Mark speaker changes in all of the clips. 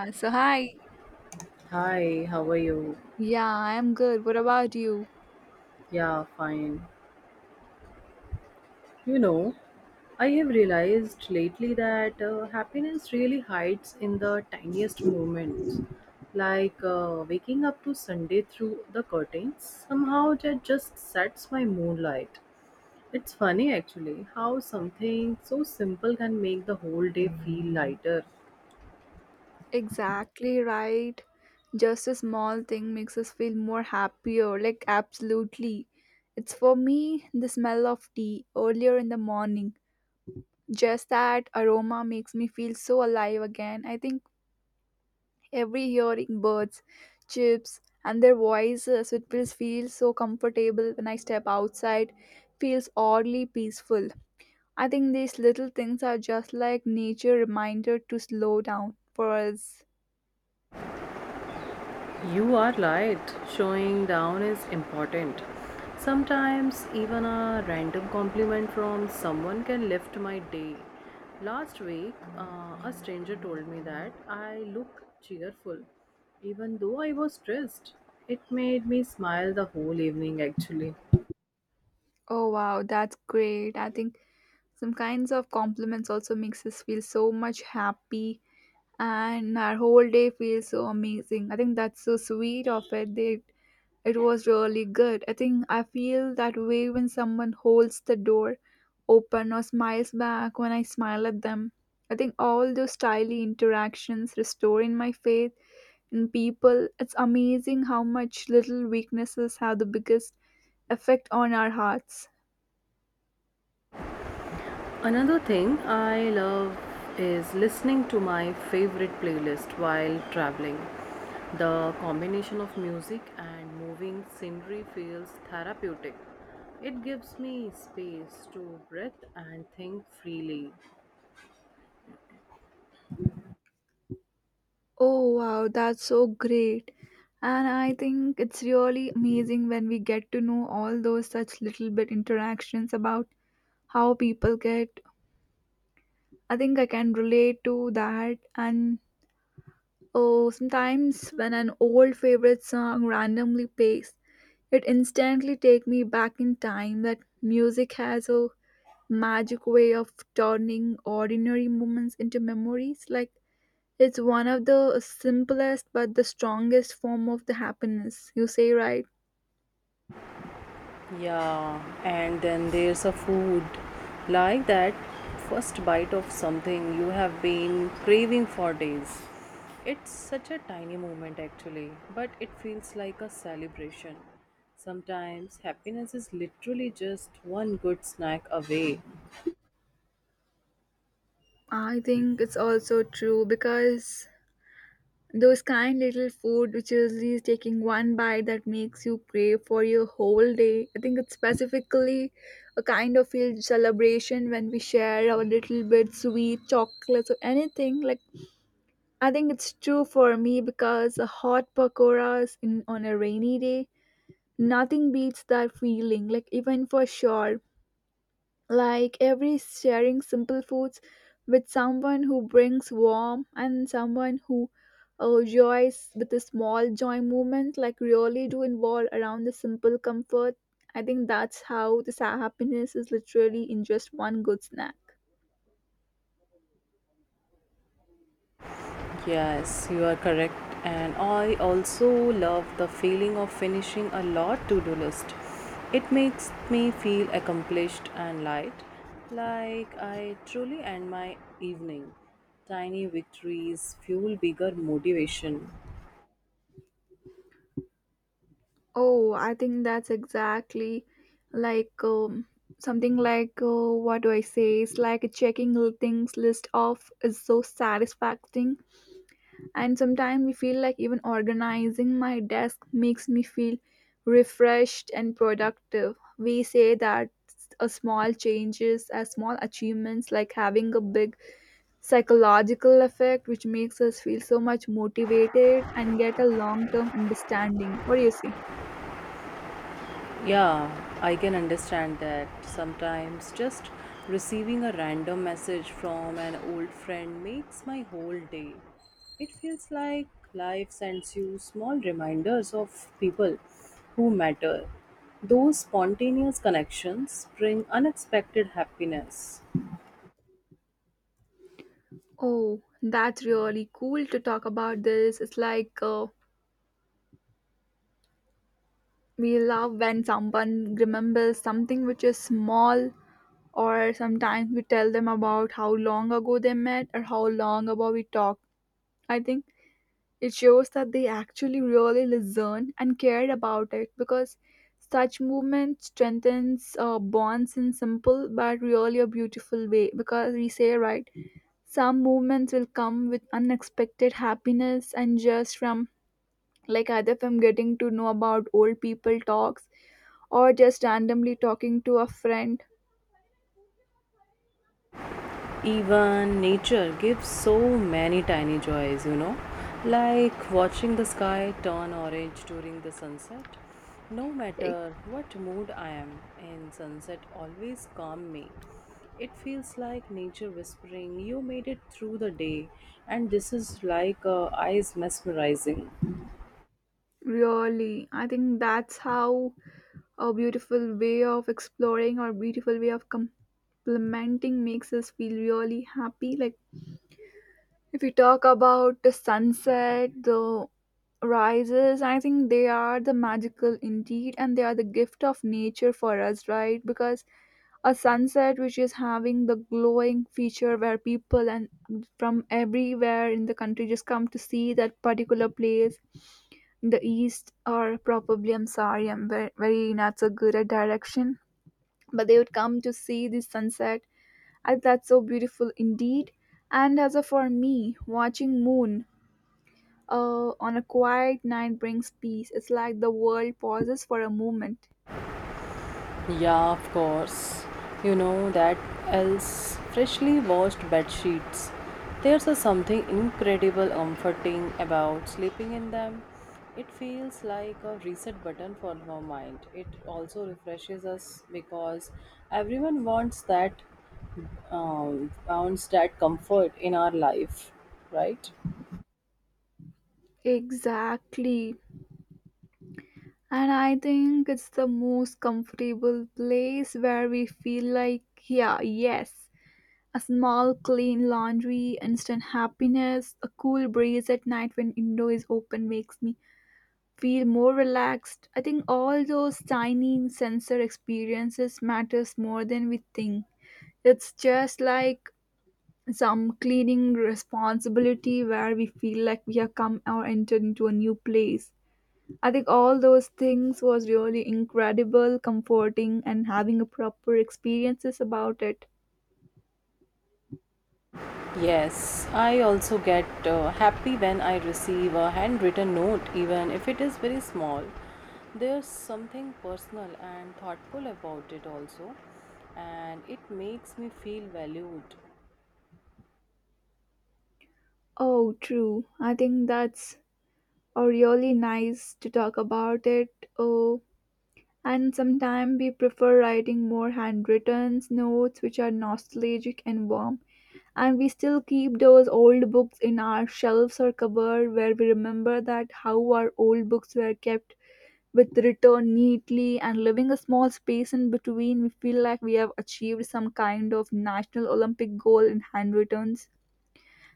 Speaker 1: Hi.
Speaker 2: Hi, how are you?
Speaker 1: Yeah, I'm good. What about you?
Speaker 2: Yeah, fine. You know, I have realized lately that happiness really hides in the tiniest moments. Like waking up to Sunday through the curtains, somehow that just sets my moonlight. It's funny actually how something so simple can make the whole day feel lighter.
Speaker 1: Exactly right. Just a small thing makes us feel more happier. Like, absolutely. It's for me the smell of tea earlier in the morning. Just that aroma makes me feel so alive again. I think every hearing birds, chips, and their voices, it feels so comfortable when I step outside. Feels oddly peaceful. I think these little things are just like nature reminder to slow down for us.
Speaker 2: You are right. Showing down is important. Sometimes, even a random compliment from someone can lift my day. Last week, a stranger told me that I look cheerful, even though I was stressed. It made me smile the whole evening, actually.
Speaker 1: Oh wow, that's great. I think some kinds of compliments also makes us feel so much happy and our whole day feels so amazing. I think that's so sweet of it. They it was really good. I think I feel that way when someone holds the door open or smiles back when I smile at them. I think all those tiny interactions restore in my faith in people, it's amazing how much little weaknesses have the biggest effect on our hearts.
Speaker 2: Another thing I love is listening to my favorite playlist while traveling. The combination of music and moving scenery feels therapeutic. It gives me space to breathe and think freely.
Speaker 1: Oh wow, that's so great. And I think it's really amazing when we get to know all those such little bit interactions about how people get. I think I can relate to that. And oh, sometimes when an old favorite song randomly plays, it instantly take me back in time. That music has a magic way of turning ordinary moments into memories like it's one of the simplest but the strongest form of the happiness you say right.
Speaker 2: Yeah, and then there's a food, like that first bite of something you have been craving for days. It's such a tiny moment actually, but it feels like a celebration. Sometimes happiness is literally just one good snack away.
Speaker 1: I think it's also true because those kind little food which usually is taking one bite that makes you crave for your whole day, I think it's specifically a kind of feel celebration when we share our little bit sweet chocolates or anything like. I think it's true for me because a hot pakoras in, on a rainy day, nothing beats that feeling. Like even for sure, like every sharing simple foods with someone who brings warm and someone who joys with a small joy movement, like really do involve around the simple comfort. I think that's how this happiness is literally in just one good snack.
Speaker 2: Yes, you are correct. And I also love the feeling of finishing a lot to do list. It makes me feel accomplished and light, like I truly end my evening. Tiny victories fuel bigger motivation.
Speaker 1: Oh, I think that's exactly like something like what do I say? It's like checking things list off is so satisfying, and sometimes we feel like even organizing my desk makes me feel refreshed and productive. We say that a small changes, as small achievements, like having a big psychological effect, which makes us feel so much motivated and get a long term understanding. What do you see?
Speaker 2: Yeah, I can understand that. Sometimes just receiving a random message from an old friend makes my whole day. It feels like life sends you small reminders of people who matter. Those spontaneous connections bring unexpected happiness.
Speaker 1: Oh, that's really cool to talk about this. It's like we love when someone remembers something which is small, or sometimes we tell them about how long ago they met or how long ago we talked. I think it shows that they actually really listen and cared about it because such movement strengthens bonds in simple but really a beautiful way. Because we say, right, some movements will come with unexpected happiness and just from like either if I'm getting to know about old people talks or just randomly talking to a friend
Speaker 2: Even nature gives so many tiny joys, you know, like watching the sky turn orange during the sunset. No
Speaker 1: like
Speaker 2: matter what mood I am in, sunset always calm me. It feels like nature whispering, "You made it through the day," and this is like eyes mesmerizing.
Speaker 1: really. I think that's how a beautiful way of exploring or beautiful way of complementing makes us feel really happy like. If we talk about the sunset, the rises, I think they are the magical indeed, and they are the gift of nature for us, right? Because a sunset which is having the glowing feature where people and from everywhere in the country just come to see that particular place in the east or probably I'm sorry I'm very not so good at direction but they would come to see the sunset. I, that's so beautiful indeed. And as a for me, watching moon on a quiet night brings peace. It's like the world pauses for a moment.
Speaker 2: Yeah, of course. You know that else freshly washed bed sheets. There's a something incredible comforting about sleeping in them. It feels like a reset button for our mind. It also refreshes us because everyone wants that, wants that comfort in our life, right?
Speaker 1: Exactly. And I think it's the most comfortable place where we feel like, yeah, yes, a small, clean laundry, instant happiness, a cool breeze at night when window is open makes me feel more relaxed. I think all those tiny sensor experiences matters more than we think. It's just like some cleaning responsibility where we feel like we have come or entered into a new place. I think all those things was really incredible, comforting and having a proper experiences about it.
Speaker 2: Yes, I also get happy when I receive a handwritten note, even if it is very small. There's something personal and thoughtful about it, also, and it makes me feel valued.
Speaker 1: Oh, true. I think that's really nice to talk about it. Oh, and sometimes we prefer writing more handwritten notes, which are nostalgic and warm. And we still keep those old books in our shelves or cupboard where we remember that how our old books were kept with return neatly and leaving a small space in between. We feel like we have achieved some kind of national Olympic goal in handwritten.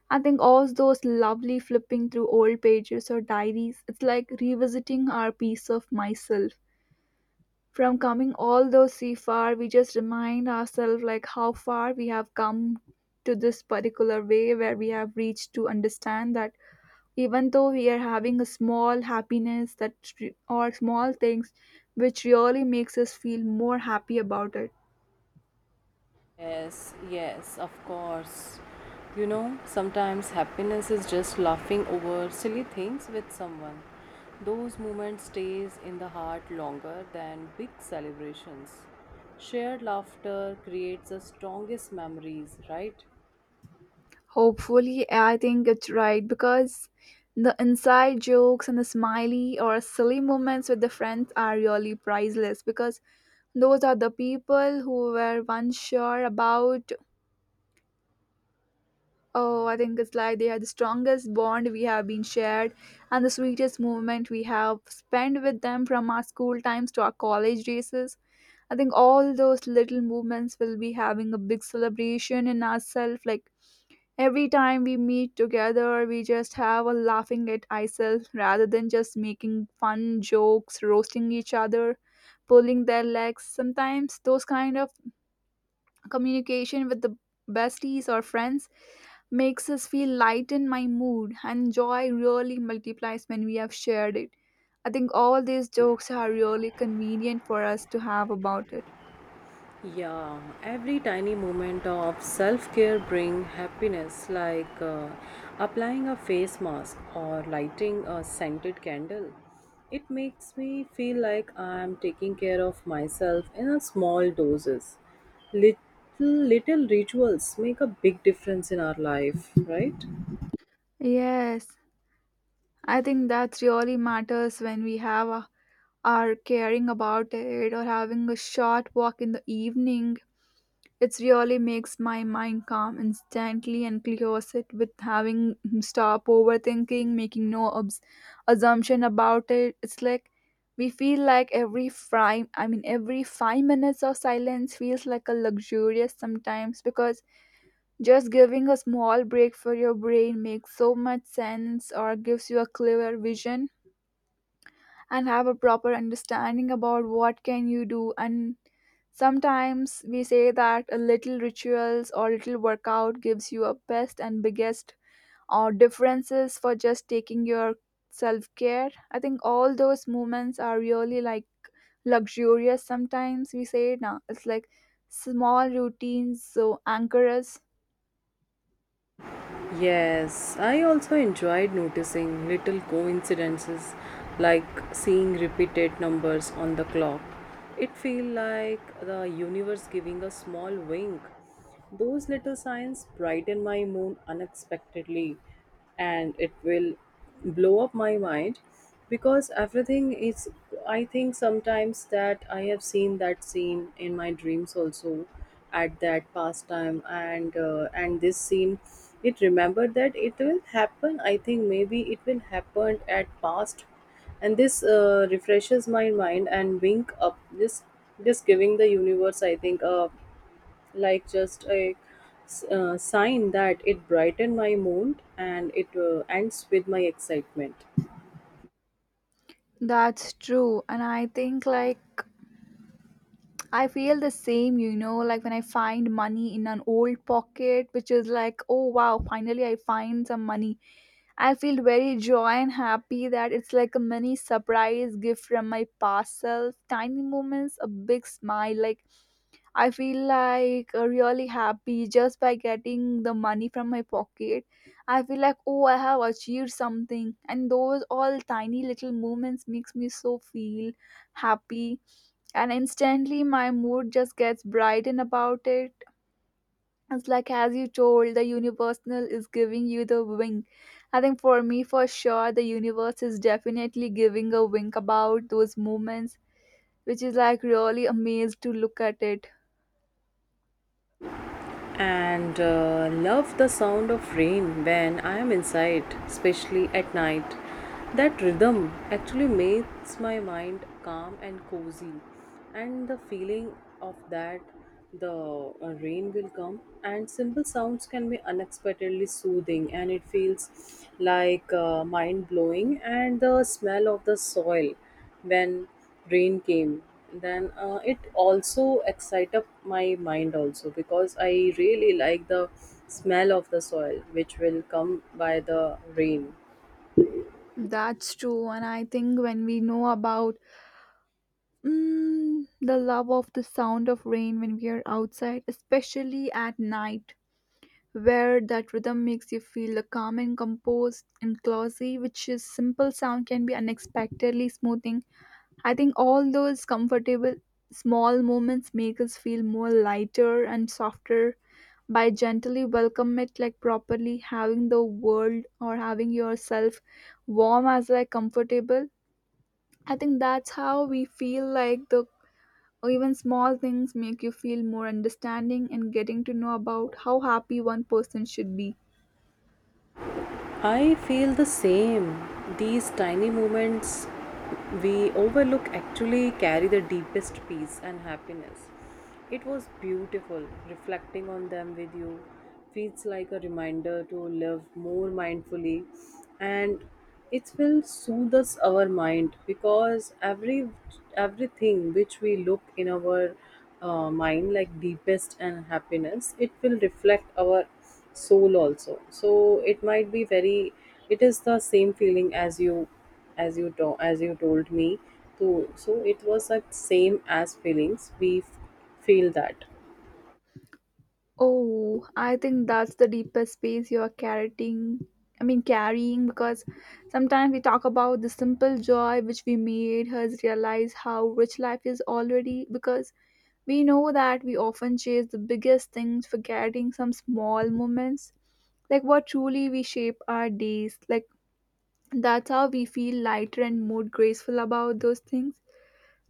Speaker 1: I think all those lovely flipping through old pages or diaries, it's like revisiting our piece of myself. From coming although see far, we just remind ourselves like how far we have come to this particular way where we have reached to understand that even though we are having a small happiness that or small things which really makes us feel more happy about it.
Speaker 2: Yes, yes, of course. You know, sometimes happiness is just laughing over silly things with someone. Those moments stays in the heart longer than big celebrations. Shared laughter creates the strongest memories, right?
Speaker 1: Hopefully I think it's right because the inside jokes and the smiley or silly moments with the friends are really priceless because those are the people who were once sure about. Oh, I think it's like they are the strongest bond we have been shared and the sweetest moment we have spent with them from our school times to our college races. I think all those little moments will be having a big celebration in ourselves. Like every time we meet together, we just have a laughing at ourselves rather than just making fun jokes, roasting each other, pulling their legs. Sometimes those kind of communication with the besties or friends makes us feel light in my mood and joy really multiplies when we have shared it. I think all these jokes are really convenient for us to have about it.
Speaker 2: Yeah, every tiny moment of self care bring happiness, like applying a face mask or lighting a scented candle. It makes me feel like I am taking care of myself in a small doses. Little little rituals make a big difference in our life, right?
Speaker 1: Yes, I think that really matters when we have a, are caring about it or having a short walk in the evening. It really makes my mind calm instantly and clears it with having stop overthinking, making no assumption about it. It's like we feel like every 5 minutes of silence feels like a luxurious sometimes because just giving a small break for your brain makes so much sense or gives you a clearer vision and have a proper understanding about what can you do. And sometimes we say that a little rituals or little workout gives you a best and biggest or differences for just taking your self care. I think all those moments are really like luxurious, sometimes we say now it's like small routines so anchor us.
Speaker 2: Yes, I also enjoyed noticing little coincidences like seeing repeated numbers on the clock. It feel like the universe giving a small wink. Those little signs brighten my mood unexpectedly, and it will blow up my mind because everything is, I think sometimes that I have seen that scene in my dreams also at that past time, and this scene, it remembered that it will happen. I think maybe it will happen at past, and this refreshes my mind and wink up this, just giving the universe I think a, like just a, sign that it brightened my mood, and it ends with my excitement.
Speaker 1: That's true, and I think like I feel the same, you know, like when I find money in an old pocket, which is like, oh wow, finally I find some money. I feel very joy and happy that it's like a mini surprise gift from my past self. Tiny moments, a big smile. Like, I feel like really happy just by getting the money from my pocket. I feel like, oh, I have achieved something. And those all tiny little moments makes me so feel happy, and instantly my mood just gets brightened about it. It's like as you told the universal is giving you the wink. I think for me for sure the universe is definitely giving a wink about those moments which is like really amazed to look at it.
Speaker 2: And love the sound of rain when I am inside, especially at night. That rhythm actually makes my mind calm and cozy, and the feeling of that, the rain will come, and simple sounds can be unexpectedly soothing, and it feels like mind blowing, and the smell of the soil when rain came, then it also excite up my mind also, because I really like the smell of the soil which will come by the rain.
Speaker 1: That's true, and I think when we know about the love of the sound of rain when we are outside especially at night where that rhythm makes you feel the calm and composed and classy, which is simple sound can be unexpectedly smoothing. I think all those comfortable small moments make us feel more lighter and softer by gently welcome it like properly having the world or having yourself warm as like comfortable. I think that's how we feel like the or even small things make you feel more understanding and getting to know about how happy one person should be.
Speaker 2: I feel the same. These tiny moments we overlook actually carry the deepest peace and happiness. It was beautiful reflecting on them with you. Feels like a reminder to live more mindfully, and it will soothe us our mind, because everything which we look in our mind, like deepest and happiness, it will reflect our soul also. So it might be very, it is the same feeling as you, as you told me to, so it was that same as feelings we feel that.
Speaker 1: Oh, I think that's the deepest space you're carrying. I mean, carrying because sometimes we talk about the simple joy which we made us realize how rich life is already because we know that we often chase the biggest things, forgetting some small moments like what truly we shape our days like. That's how we feel lighter and more graceful about those things,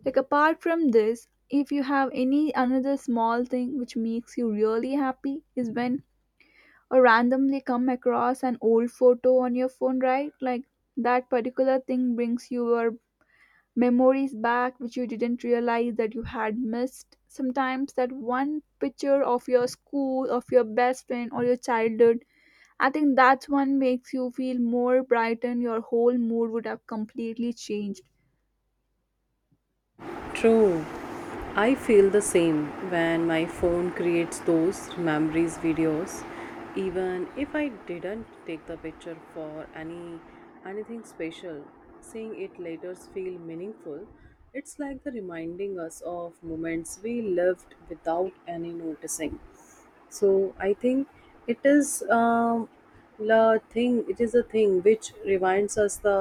Speaker 1: like apart from this if you have any another small thing which makes you really happy is when or randomly come across an old photo on your phone, right? Like that particular thing brings your memories back, which you didn't realize that you had missed. Sometimes that one picture of your school, of your best friend, or your childhood. I think that one makes you feel more brightened. Your whole mood would have completely changed.
Speaker 2: True. I feel the same when my phone creates those memories videos, even if I didn't take the picture for anything special. Seeing it later feel meaningful. It's like the reminding us of moments we lived without any noticing. So I think it is, the thing, it is a thing which reminds us the,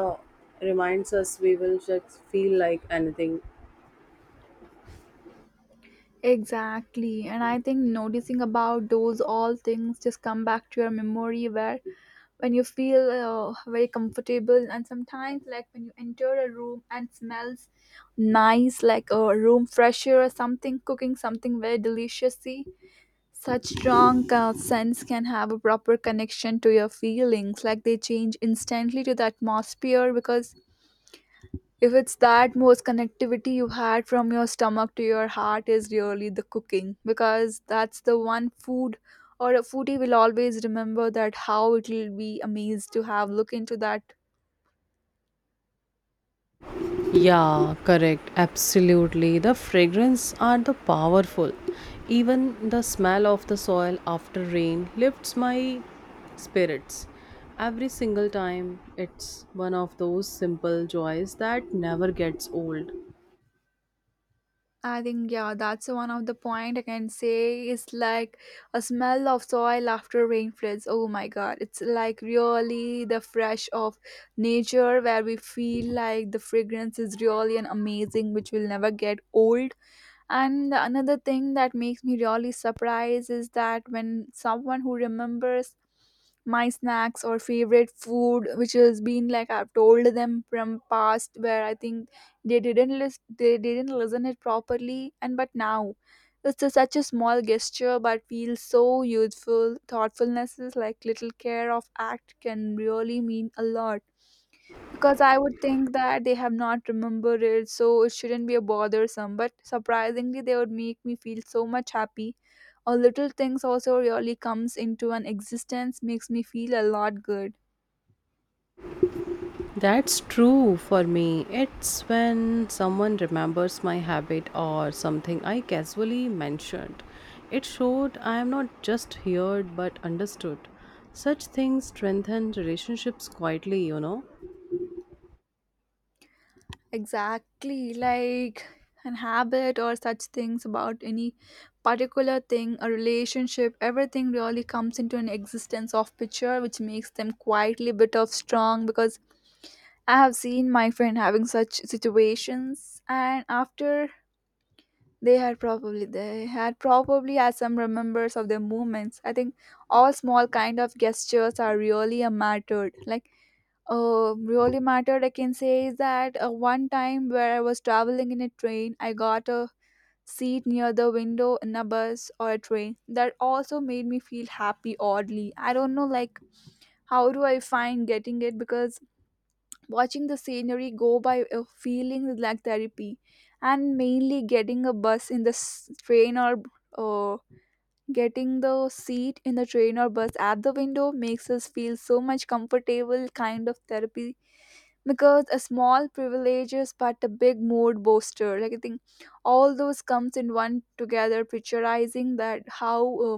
Speaker 2: reminds us we will just feel like anything.
Speaker 1: Exactly. And I think noticing about those all things just come back to your memory where when you feel very comfortable. And sometimes like when you enter a room and smells nice, like a room fresher or something cooking, something very delicious, see such strong scents can have a proper connection to your feelings. Like they change instantly to the atmosphere, because if it's that most connectivity you had from your stomach to your heart is really the cooking, because that's the one food or a foodie will always remember that how it will be amazed to have look into that.
Speaker 2: Yeah, correct. Absolutely. The fragrance are the powerful. Even the smell of the soil after rain lifts my spirits. Every single time, it's one of those simple joys that never gets old.
Speaker 1: I think yeah, that's one of the point I can say is like a smell of soil after rain floods. Oh my god, it's like really the fresh of nature where we feel like the fragrance is really an amazing which will never get old. And the another thing that makes me really surprised is that when someone who remembers my snacks or favorite food, which has been like I've told them from past, where I think they didn't listen it properly, and but now it's a, such a small gesture but feels so useful. Thoughtfulness is like little care of act can really mean a lot, because I would think that they have not remembered it, so it shouldn't be a bothersome. But surprisingly, they would make me feel so much happy. Or little things also really comes into an existence makes me feel a lot good.
Speaker 2: That's true for me. It's when someone remembers my habit or something I casually mentioned. It showed I am not just heard but understood. Such things strengthen relationships quietly, you know.
Speaker 1: Exactly, like an habit or such things about any particular thing, a relationship, everything really comes into an existence of picture, which makes them quietly bit of strong, because I have seen my friend having such situations, and after they had probably had some remembers of their movements. I think all small kind of gestures are really a mattered. Like really mattered. I can say is that one time where I was traveling in a train, I got a seat near the window in a bus or a train. That also made me feel happy oddly. I don't know like how do I find getting it, because watching the scenery go by feeling like therapy. And mainly getting a bus in the train or uh, getting the seat in the train or bus at the window makes us feel so much comfortable kind of therapy, because a small privileges but a big mood booster. Like I think all those comes in one together, picturizing that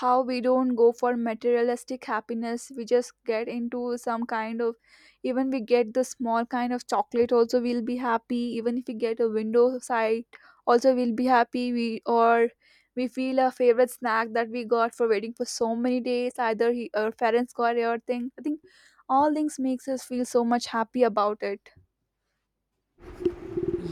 Speaker 1: how we don't go for materialistic happiness, we just get into some kind of, even we get the small kind of chocolate also, we'll be happy, even if we get a window sight. Also we'll be happy, we or we feel a favorite snack that we got for waiting for so many days, either he, our parents got it or thing. I think all things makes us feel so much happy about it.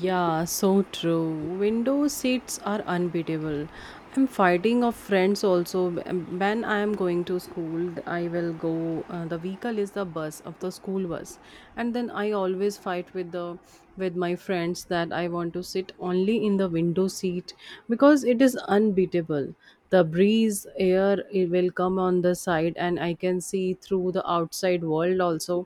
Speaker 2: Yeah, so true. Window seats are unbeatable. I'm fighting of friends also. When I am going to school, I will go. The vehicle is the bus of the school bus, and then I always fight with the, with my friends that I want to sit only in the window seat because it is unbeatable. The breeze air it will come on the side, and I can see through the outside world also.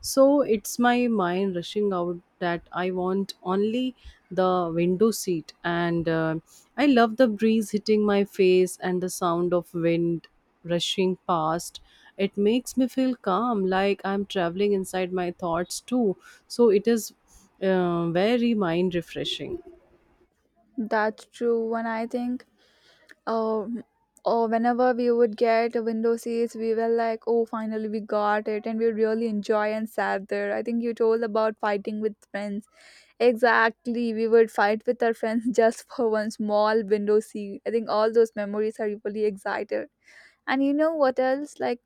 Speaker 2: So it's my mind rushing out that I want only the window seat, and I love the breeze hitting my face and the sound of wind rushing past. It makes me feel calm, like I'm traveling inside my thoughts too. So it is very mind refreshing.
Speaker 1: That's true. And I think um or whenever we would get window seats, we were like, oh, finally, we got it, and we really enjoy and sat there. I think you told about fighting with friends. Exactly, we would fight with our friends just for one small window seat. I think all those memories are really excited. And you know what else, like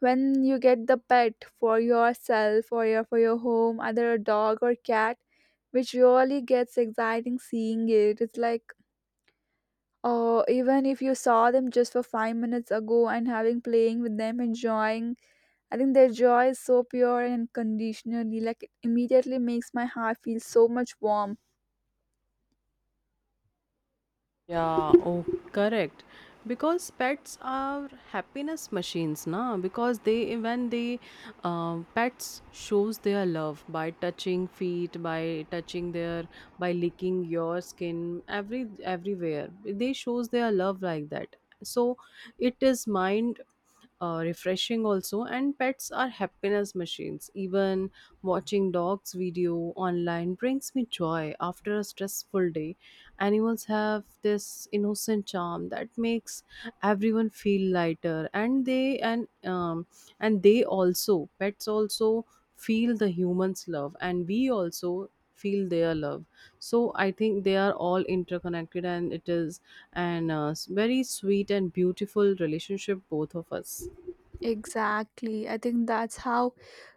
Speaker 1: when you get the pet for yourself or your for your home, either a dog or cat, which really gets exciting seeing it. It's like, or even if you saw them just for 5 minutes ago and having playing with them, enjoying, I think their joy is so pure and unconditionally. Like it immediately makes my heart feel so much warm.
Speaker 2: Yeah, oh, correct. Because pets are happiness machines, na? Because they, when they, pets shows their love by touching feet, by touching their, by licking your skin, everywhere. They shows their love like that. So it is mind refreshing also, and pets are happiness machines. Even watching dogs video online brings me joy after a stressful day. Animals have this innocent charm that makes everyone feel lighter, and they, and they also, pets also feel the humans love, and we also feel their love. So I think they are all interconnected, and it is an very sweet and beautiful relationship both of us.
Speaker 1: Exactly. I think that's how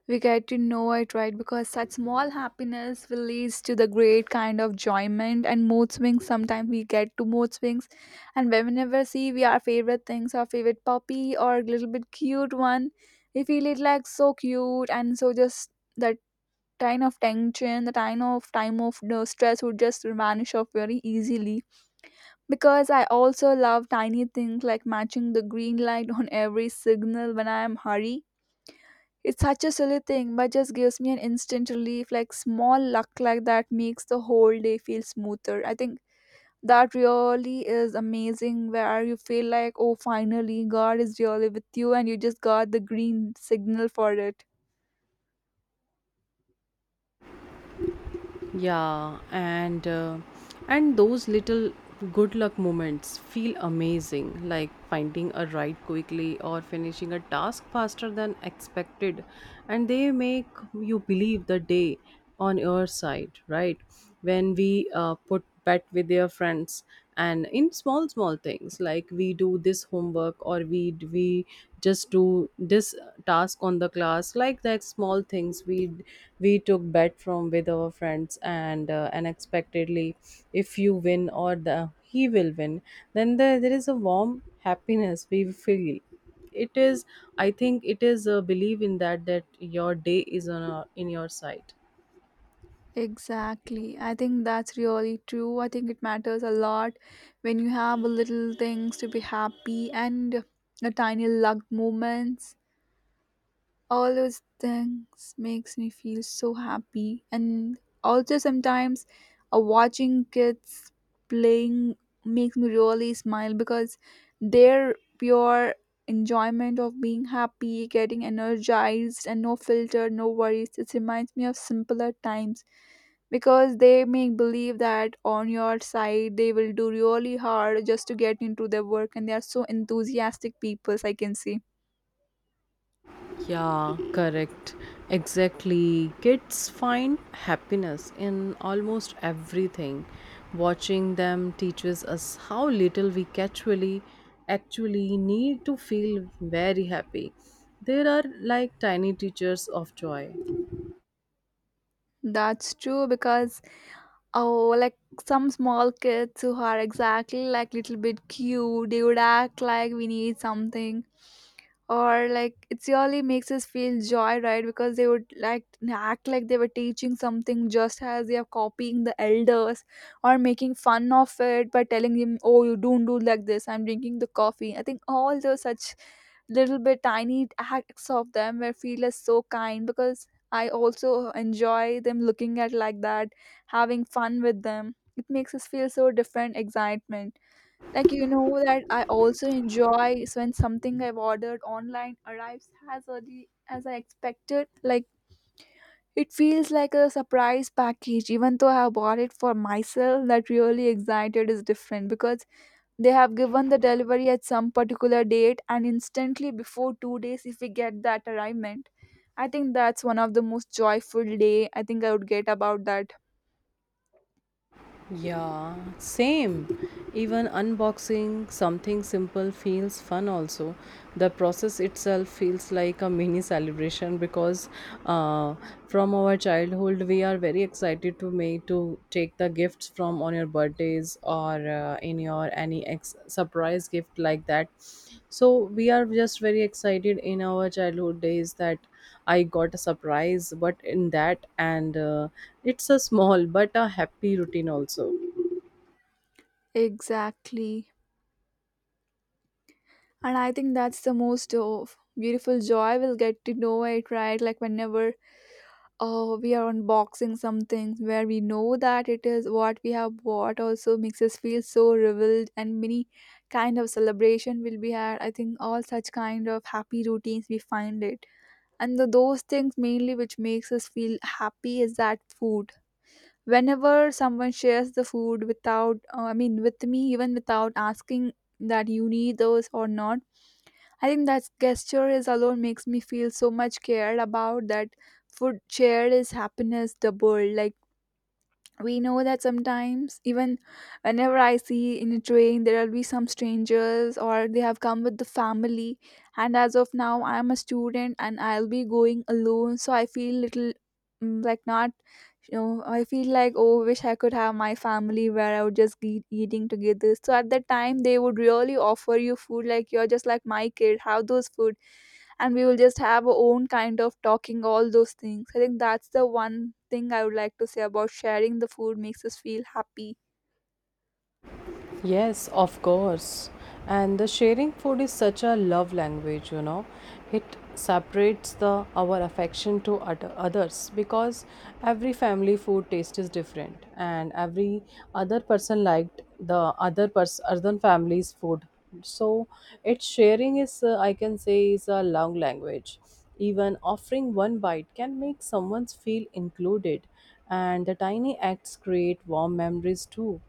Speaker 1: we get to know it, right? Because such small happiness will lead to the great kind of enjoyment and mood swings. Sometimes we get to mood swings, and whenever see we our favorite things, our favorite puppy or little bit cute one, we feel it like so cute and so just that kind of tension, the kind of time of you know, stress would just vanish off very easily. Because I also love tiny things like matching the green light on every signal when I am hurry. It's such a silly thing, but just gives me an instant relief, like small luck like that makes the whole day feel smoother. I think that really is amazing where you feel like, oh, finally, God is really with you, and you just got the green signal for it.
Speaker 2: Yeah, and those little good luck moments feel amazing, like finding a ride quickly or finishing a task faster than expected, and they make you believe the day on your side, right? When we put bet with their friends, and in small small things, like we do this homework, or we just do this task on the class. Like that small things, we took bet from with our friends, and unexpectedly if you win or the he will win, then there is a warm happiness we feel. It is, I think it is a belief in that, that your day is on a, in your sight.
Speaker 1: Exactly. I think that's really true. I think it matters a lot when you have little things to be happy, and the tiny luck moments, all those things makes me feel so happy. And also sometimes watching kids playing makes me really smile, because their pure enjoyment of being happy, getting energized, and no filter, no worries, it reminds me of simpler times, because they make believe that on your side they will do really hard just to get into their work, and they are so enthusiastic peoples I can see.
Speaker 2: Yeah, correct. Exactly. Kids find happiness in almost everything. Watching them teaches us how little we actually need to feel very happy. There are like tiny teachers of joy.
Speaker 1: That's true, because oh, like some small kids who are exactly like little bit cute. They would act like we need something, or like it really makes us feel joy, right? Because they would like act like they were teaching something, just as they are copying the elders or making fun of it by telling him, oh, you don't do like this, I'm drinking the coffee. I think all those such little bit tiny acts of them where feel us so kind, because I also enjoy them looking at like that, having fun with them. It makes us feel so different excitement. Like you know that I also enjoy when something I've ordered online arrives as early as I expected. Like it feels like a surprise package, even though I have bought it for myself. That really excited is different, because they have given the delivery at some particular date, and instantly before 2 days if we get that arrivement. I think that's one of the most joyful day I think I would get about that.
Speaker 2: Yeah, same. Even unboxing something simple feels fun also. The process itself feels like a mini celebration, because uh, from our childhood we are very excited to make to take the gifts from on your birthdays or in your any surprise gift like that. So we are just very excited in our childhood days that I got a surprise but in that, and it's a small but a happy routine also.
Speaker 1: Exactly. And I think that's the most beautiful joy we'll get to know it, right? Like whenever we are unboxing something where we know that it is what we have bought also makes us feel so reveled, and many kind of celebration will be had. I think all such kind of happy routines we find it. And the, those things mainly which makes us feel happy is that food. Whenever someone shares the food without I mean with me, even without asking that you need those or not, I think that gesture is alone makes me feel so much cared about that. Food shared is happiness doubled. Like we know that sometimes, even whenever I see in a train, there will be some strangers or they have come with the family, and as of now I am a student and I'll be going alone, so I feel little, mm, like not, you know, I feel like, oh, wish I could have my family where I would just be eating together. So at that time they would really offer you food, like you're just like my kid, have those food. And we will just have our own kind of talking, all those things. I think that's the one thing I would like to say about sharing the food makes us feel happy.
Speaker 2: Yes, of course. And the sharing food is such a love language, you know. It separates the our affection to other others, because every family food taste is different, and every other person liked the other person other family's food. So its sharing is, I can say, is a love language. Even offering one bite can make someone feel included, and the tiny acts create warm memories too.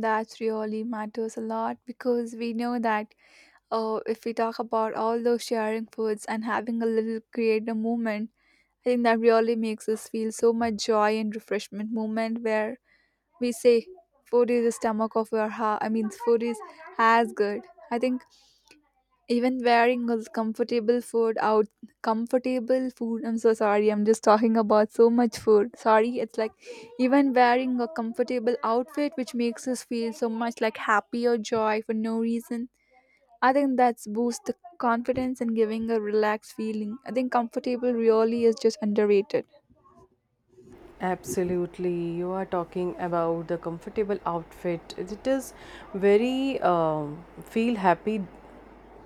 Speaker 1: That really matters a lot, because we know that if we talk about all those sharing foods and having a little creative moment, I think that really makes us feel so much joy and refreshment moment, where we say food is the stomach of your heart. I mean, food is as good. I think. Even wearing was comfortable food out, comfortable food, I'm so sorry, I'm just talking about so much food, sorry. It's like even wearing a comfortable outfit which makes us feel so much like happy or joy for no reason. I think that's boost the confidence and giving a relaxed feeling. I think comfortable really is just underrated.
Speaker 2: Absolutely, you are talking about the comfortable outfit. It is very, feel happy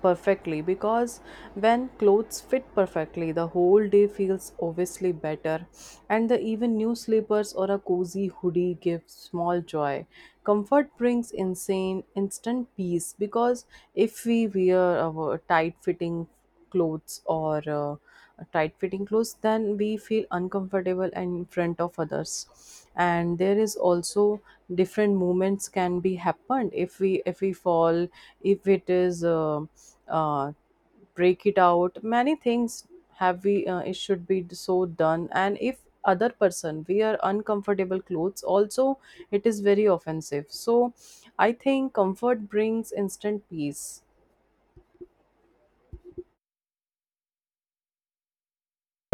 Speaker 2: perfectly, because when clothes fit perfectly, the whole day feels obviously better, and the even new slippers or a cozy hoodie gives small joy. Comfort brings insane instant peace, because if we wear our tight fitting clothes or tight fitting clothes, then we feel uncomfortable in front of others, and there is also different movements can be happened if we fall, if it is uh, break it out many things have we it should be so done, and if other person wear uncomfortable clothes also, it is very offensive. So I think comfort brings instant peace.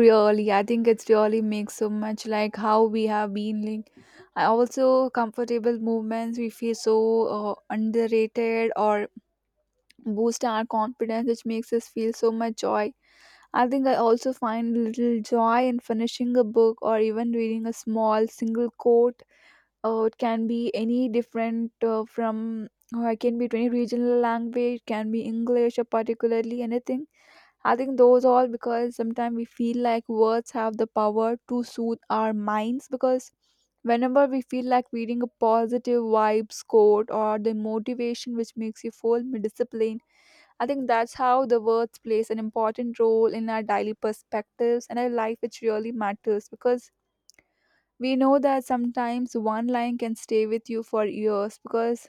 Speaker 1: Really, I think it's really makes so much like how we have been like I also comfortable movements we feel so underrated or boost our confidence, which makes us feel so much joy. I think I also find little joy in finishing a book or even reading a small single quote. It can be any different from, or it can be to any regional language, can be English or particularly anything. I think those all because sometimes we feel like words have the power to soothe our minds, because whenever we feel like reading a positive vibes quote or the motivation which makes you feel disciplined. I think that's how the words plays an important role in our daily perspectives and our life, which really matters, because we know that sometimes one line can stay with you for years, because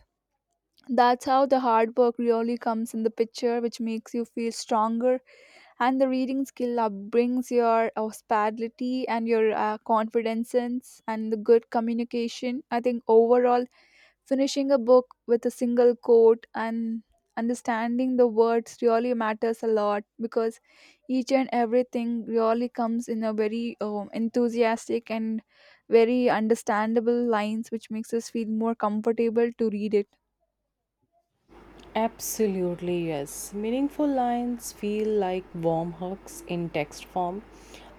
Speaker 1: that's how the hard work really comes in the picture, which makes you feel stronger. And the reading skill upbrings your hospitality and your confidence and the good communication. I think overall, finishing a book with a single quote and understanding the words really matters a lot, because each and everything really comes in a very enthusiastic and very understandable lines which makes us feel more comfortable to read it.
Speaker 2: Absolutely, yes. Meaningful lines feel like warm hugs in text form.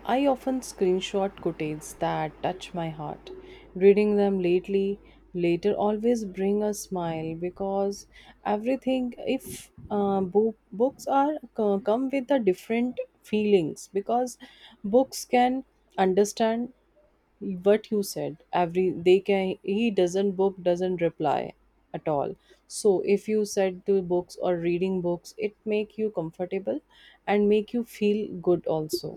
Speaker 2: I often screenshot quotes that touch my heart. Reading them lately, later always bring a smile, because everything, if book, books are come with the different feelings, because books can understand what you said, every they can, he doesn't, book doesn't reply at all. So if you said to books or reading books, it make you comfortable and make you feel good also.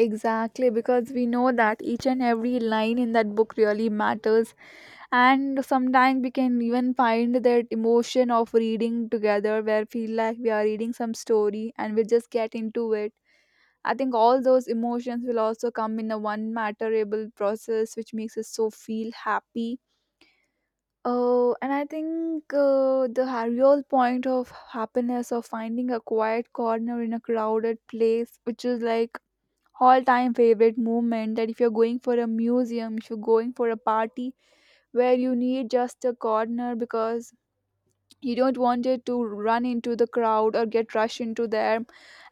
Speaker 1: Exactly, because we know that each and every line in that book really matters, and sometimes we can even find that emotion of reading together where feel like we are reading some story and we just get into it. I think all those emotions will also come in a one matterable process, which makes us so feel happy. Oh, and I think the real point of happiness of finding a quiet corner in a crowded place, which is like all-time favorite moment. That if you're going for a museum, if you're going for a party, where you need just a corner, because you don't want it to run into the crowd or get rushed into there,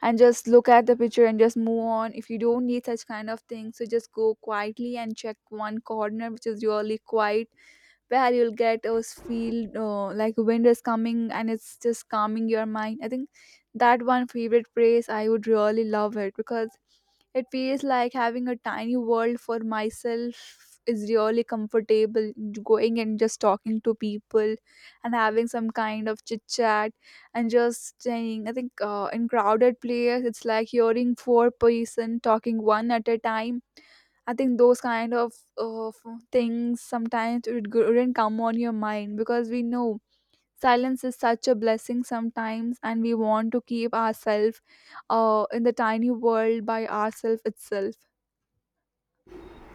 Speaker 1: and just look at the picture and just move on. If you don't need such kind of things, so just go quietly and check one corner which is really quiet, where you'll get those feel like wind is coming and it's just calming your mind. I think that one favorite phrase I would really love it, because it feels like having a tiny world for myself is really comfortable. Going and just talking to people and having some kind of chit chat, and just saying, I think in crowded place it's like hearing four-person talking one at a time. I think those kind of things sometimes wouldn't come on your mind, because we know silence is such a blessing sometimes, and we want to keep ourselves in the tiny world by ourselves itself.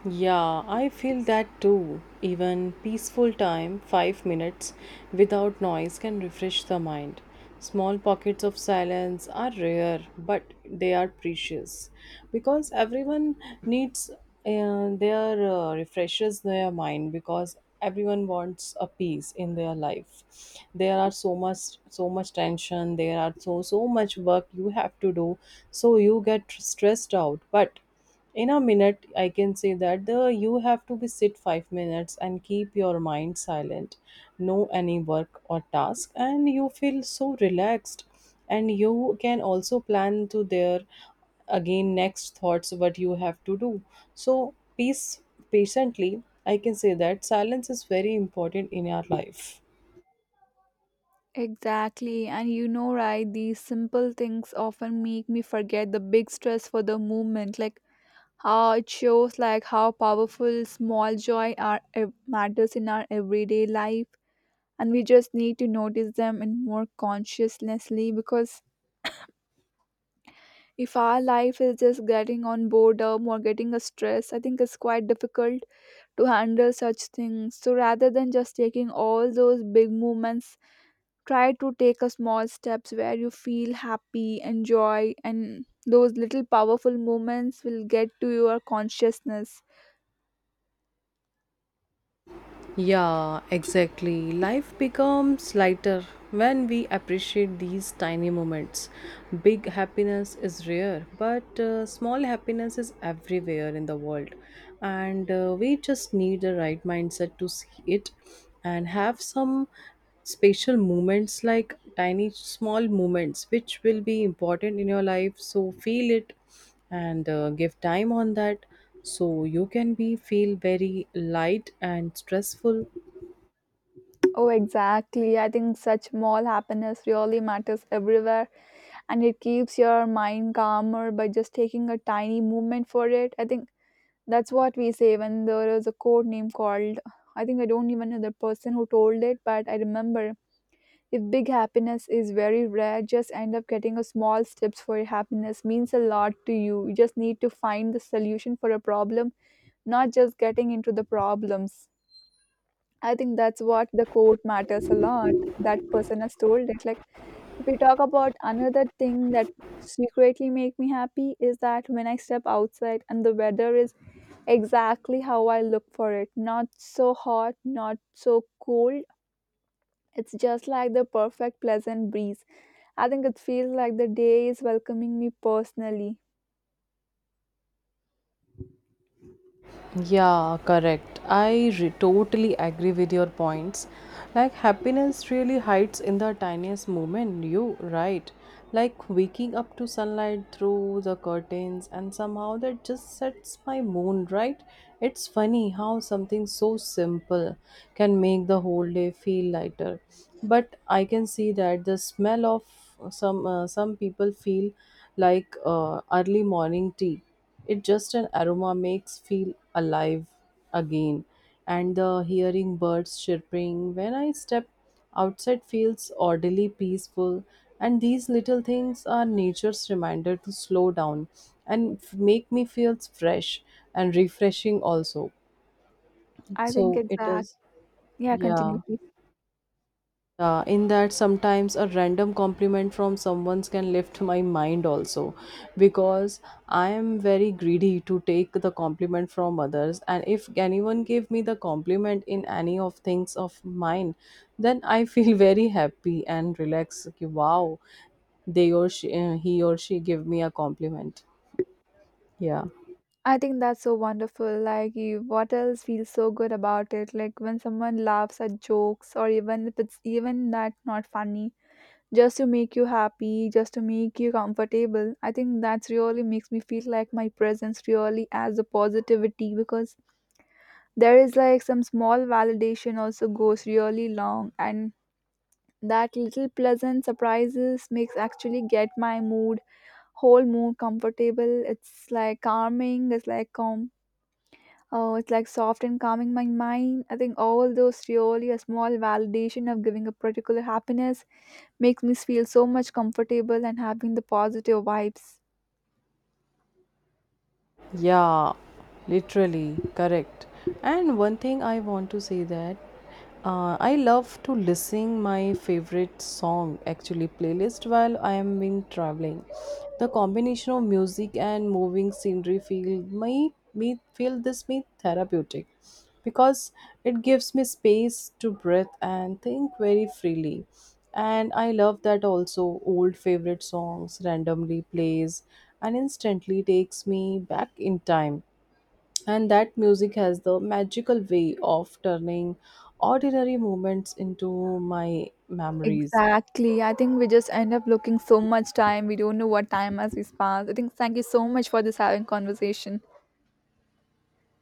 Speaker 2: Yeah, I feel that too. Even peaceful time, 5 minutes without noise can refresh the mind. Small pockets of silence are rare, but they are precious, because everyone needs their refreshes their mind, because everyone wants a peace in their life. There are so much tension, there are so much work you have to do, so you get stressed out, but in a minute I can say that the, you have to be sit 5 minutes and keep your mind silent, no any work or task, and you feel so relaxed, and you can also plan to there again next thoughts what you have to do. So peace, patiently, I can say that silence is very important in our life.
Speaker 1: Exactly, and you know right, these simple things often make me forget the big stress for the movement. Like how it shows, like how powerful small joy are matters in our everyday life, and we just need to notice them and more consciously, because if our life is just getting on boredom or getting a stress, I think it's quite difficult to handle such things. So rather than just taking all those big movements, try to take a small steps where you feel happy, enjoy, and those little powerful moments will get to your consciousness.
Speaker 2: Yeah, exactly. Life becomes lighter when we appreciate these tiny moments. Big happiness is rare, but small happiness is everywhere in the world. And we just need the right mindset to see it, and have some special moments like tiny small moments which will be important in your life. So feel it, and give time on that, so you can be feel very light and stressful.
Speaker 1: Oh, exactly. I think such small happiness really matters everywhere, and it keeps your mind calmer by just taking a tiny movement for it. I think that's what we say when there is a code name called. I think I don't even know the person who told it, but I remember, if big happiness is very rare, just end up getting a small steps for your happiness means a lot to you. You just need to find the solution for a problem, not just getting into the problems. I think that's what the quote matters a lot. That person has told it. Like, if we talk about another thing that secretly make me happy is that when I step outside and the weather is exactly how I look for it. Not so hot, not so cold. It's just like the perfect pleasant breeze. I think it feels like the day is welcoming me personally.
Speaker 2: Yeah, correct. I totally agree with your points. Like happiness really hides in the tiniest moment, you right. Like waking up to sunlight through the curtains, and somehow that just sets my mood right. It's funny how something so simple can make the whole day feel lighter. But I can see that the smell of some, some people feel like early morning tea, it just an aroma makes feel alive again, and the hearing birds chirping when I step outside feels oddly peaceful. And these little things are nature's reminder to slow down and make me feel fresh and refreshing also.
Speaker 1: I think
Speaker 2: So it
Speaker 1: exact.
Speaker 2: is,
Speaker 1: Yeah, continue
Speaker 2: yeah.
Speaker 1: please.
Speaker 2: In that sometimes a random compliment from someone can lift my mind also, because I am very greedy to take the compliment from others, and if anyone gave me the compliment in any of things of mine, then I feel very happy and relaxed. Okay, wow, they or she, he or she give me a compliment, yeah.
Speaker 1: I think that's so wonderful. Like, you, what else feels so good about it? Like when someone laughs at jokes, or even if it's even that not funny, just to make you happy, just to make you comfortable. I think that's really makes me feel like my presence really adds a positivity, because there is like some small validation also goes really long, and that little pleasant surprises makes actually get my mood, whole mood comfortable. It's like calming, it's like calm. Oh, it's like soft and calming my mind. I think all those really a small validation of giving a particular happiness makes me feel so much comfortable and having the positive vibes.
Speaker 2: Yeah, literally correct. And one thing I want to say that I love to listen my favorite song actually playlist while I am being traveling. The combination of music and moving scenery feel my me feel this me therapeutic, because it gives me space to breathe and think very freely, and I love that also. Old favorite songs randomly plays and instantly takes me back in time, and that music has the magical way of turning ordinary moments into my memories.
Speaker 1: Exactly. I think we just end up looking so much time. We don't know what time has passed. I think, thank you so much for this having conversation.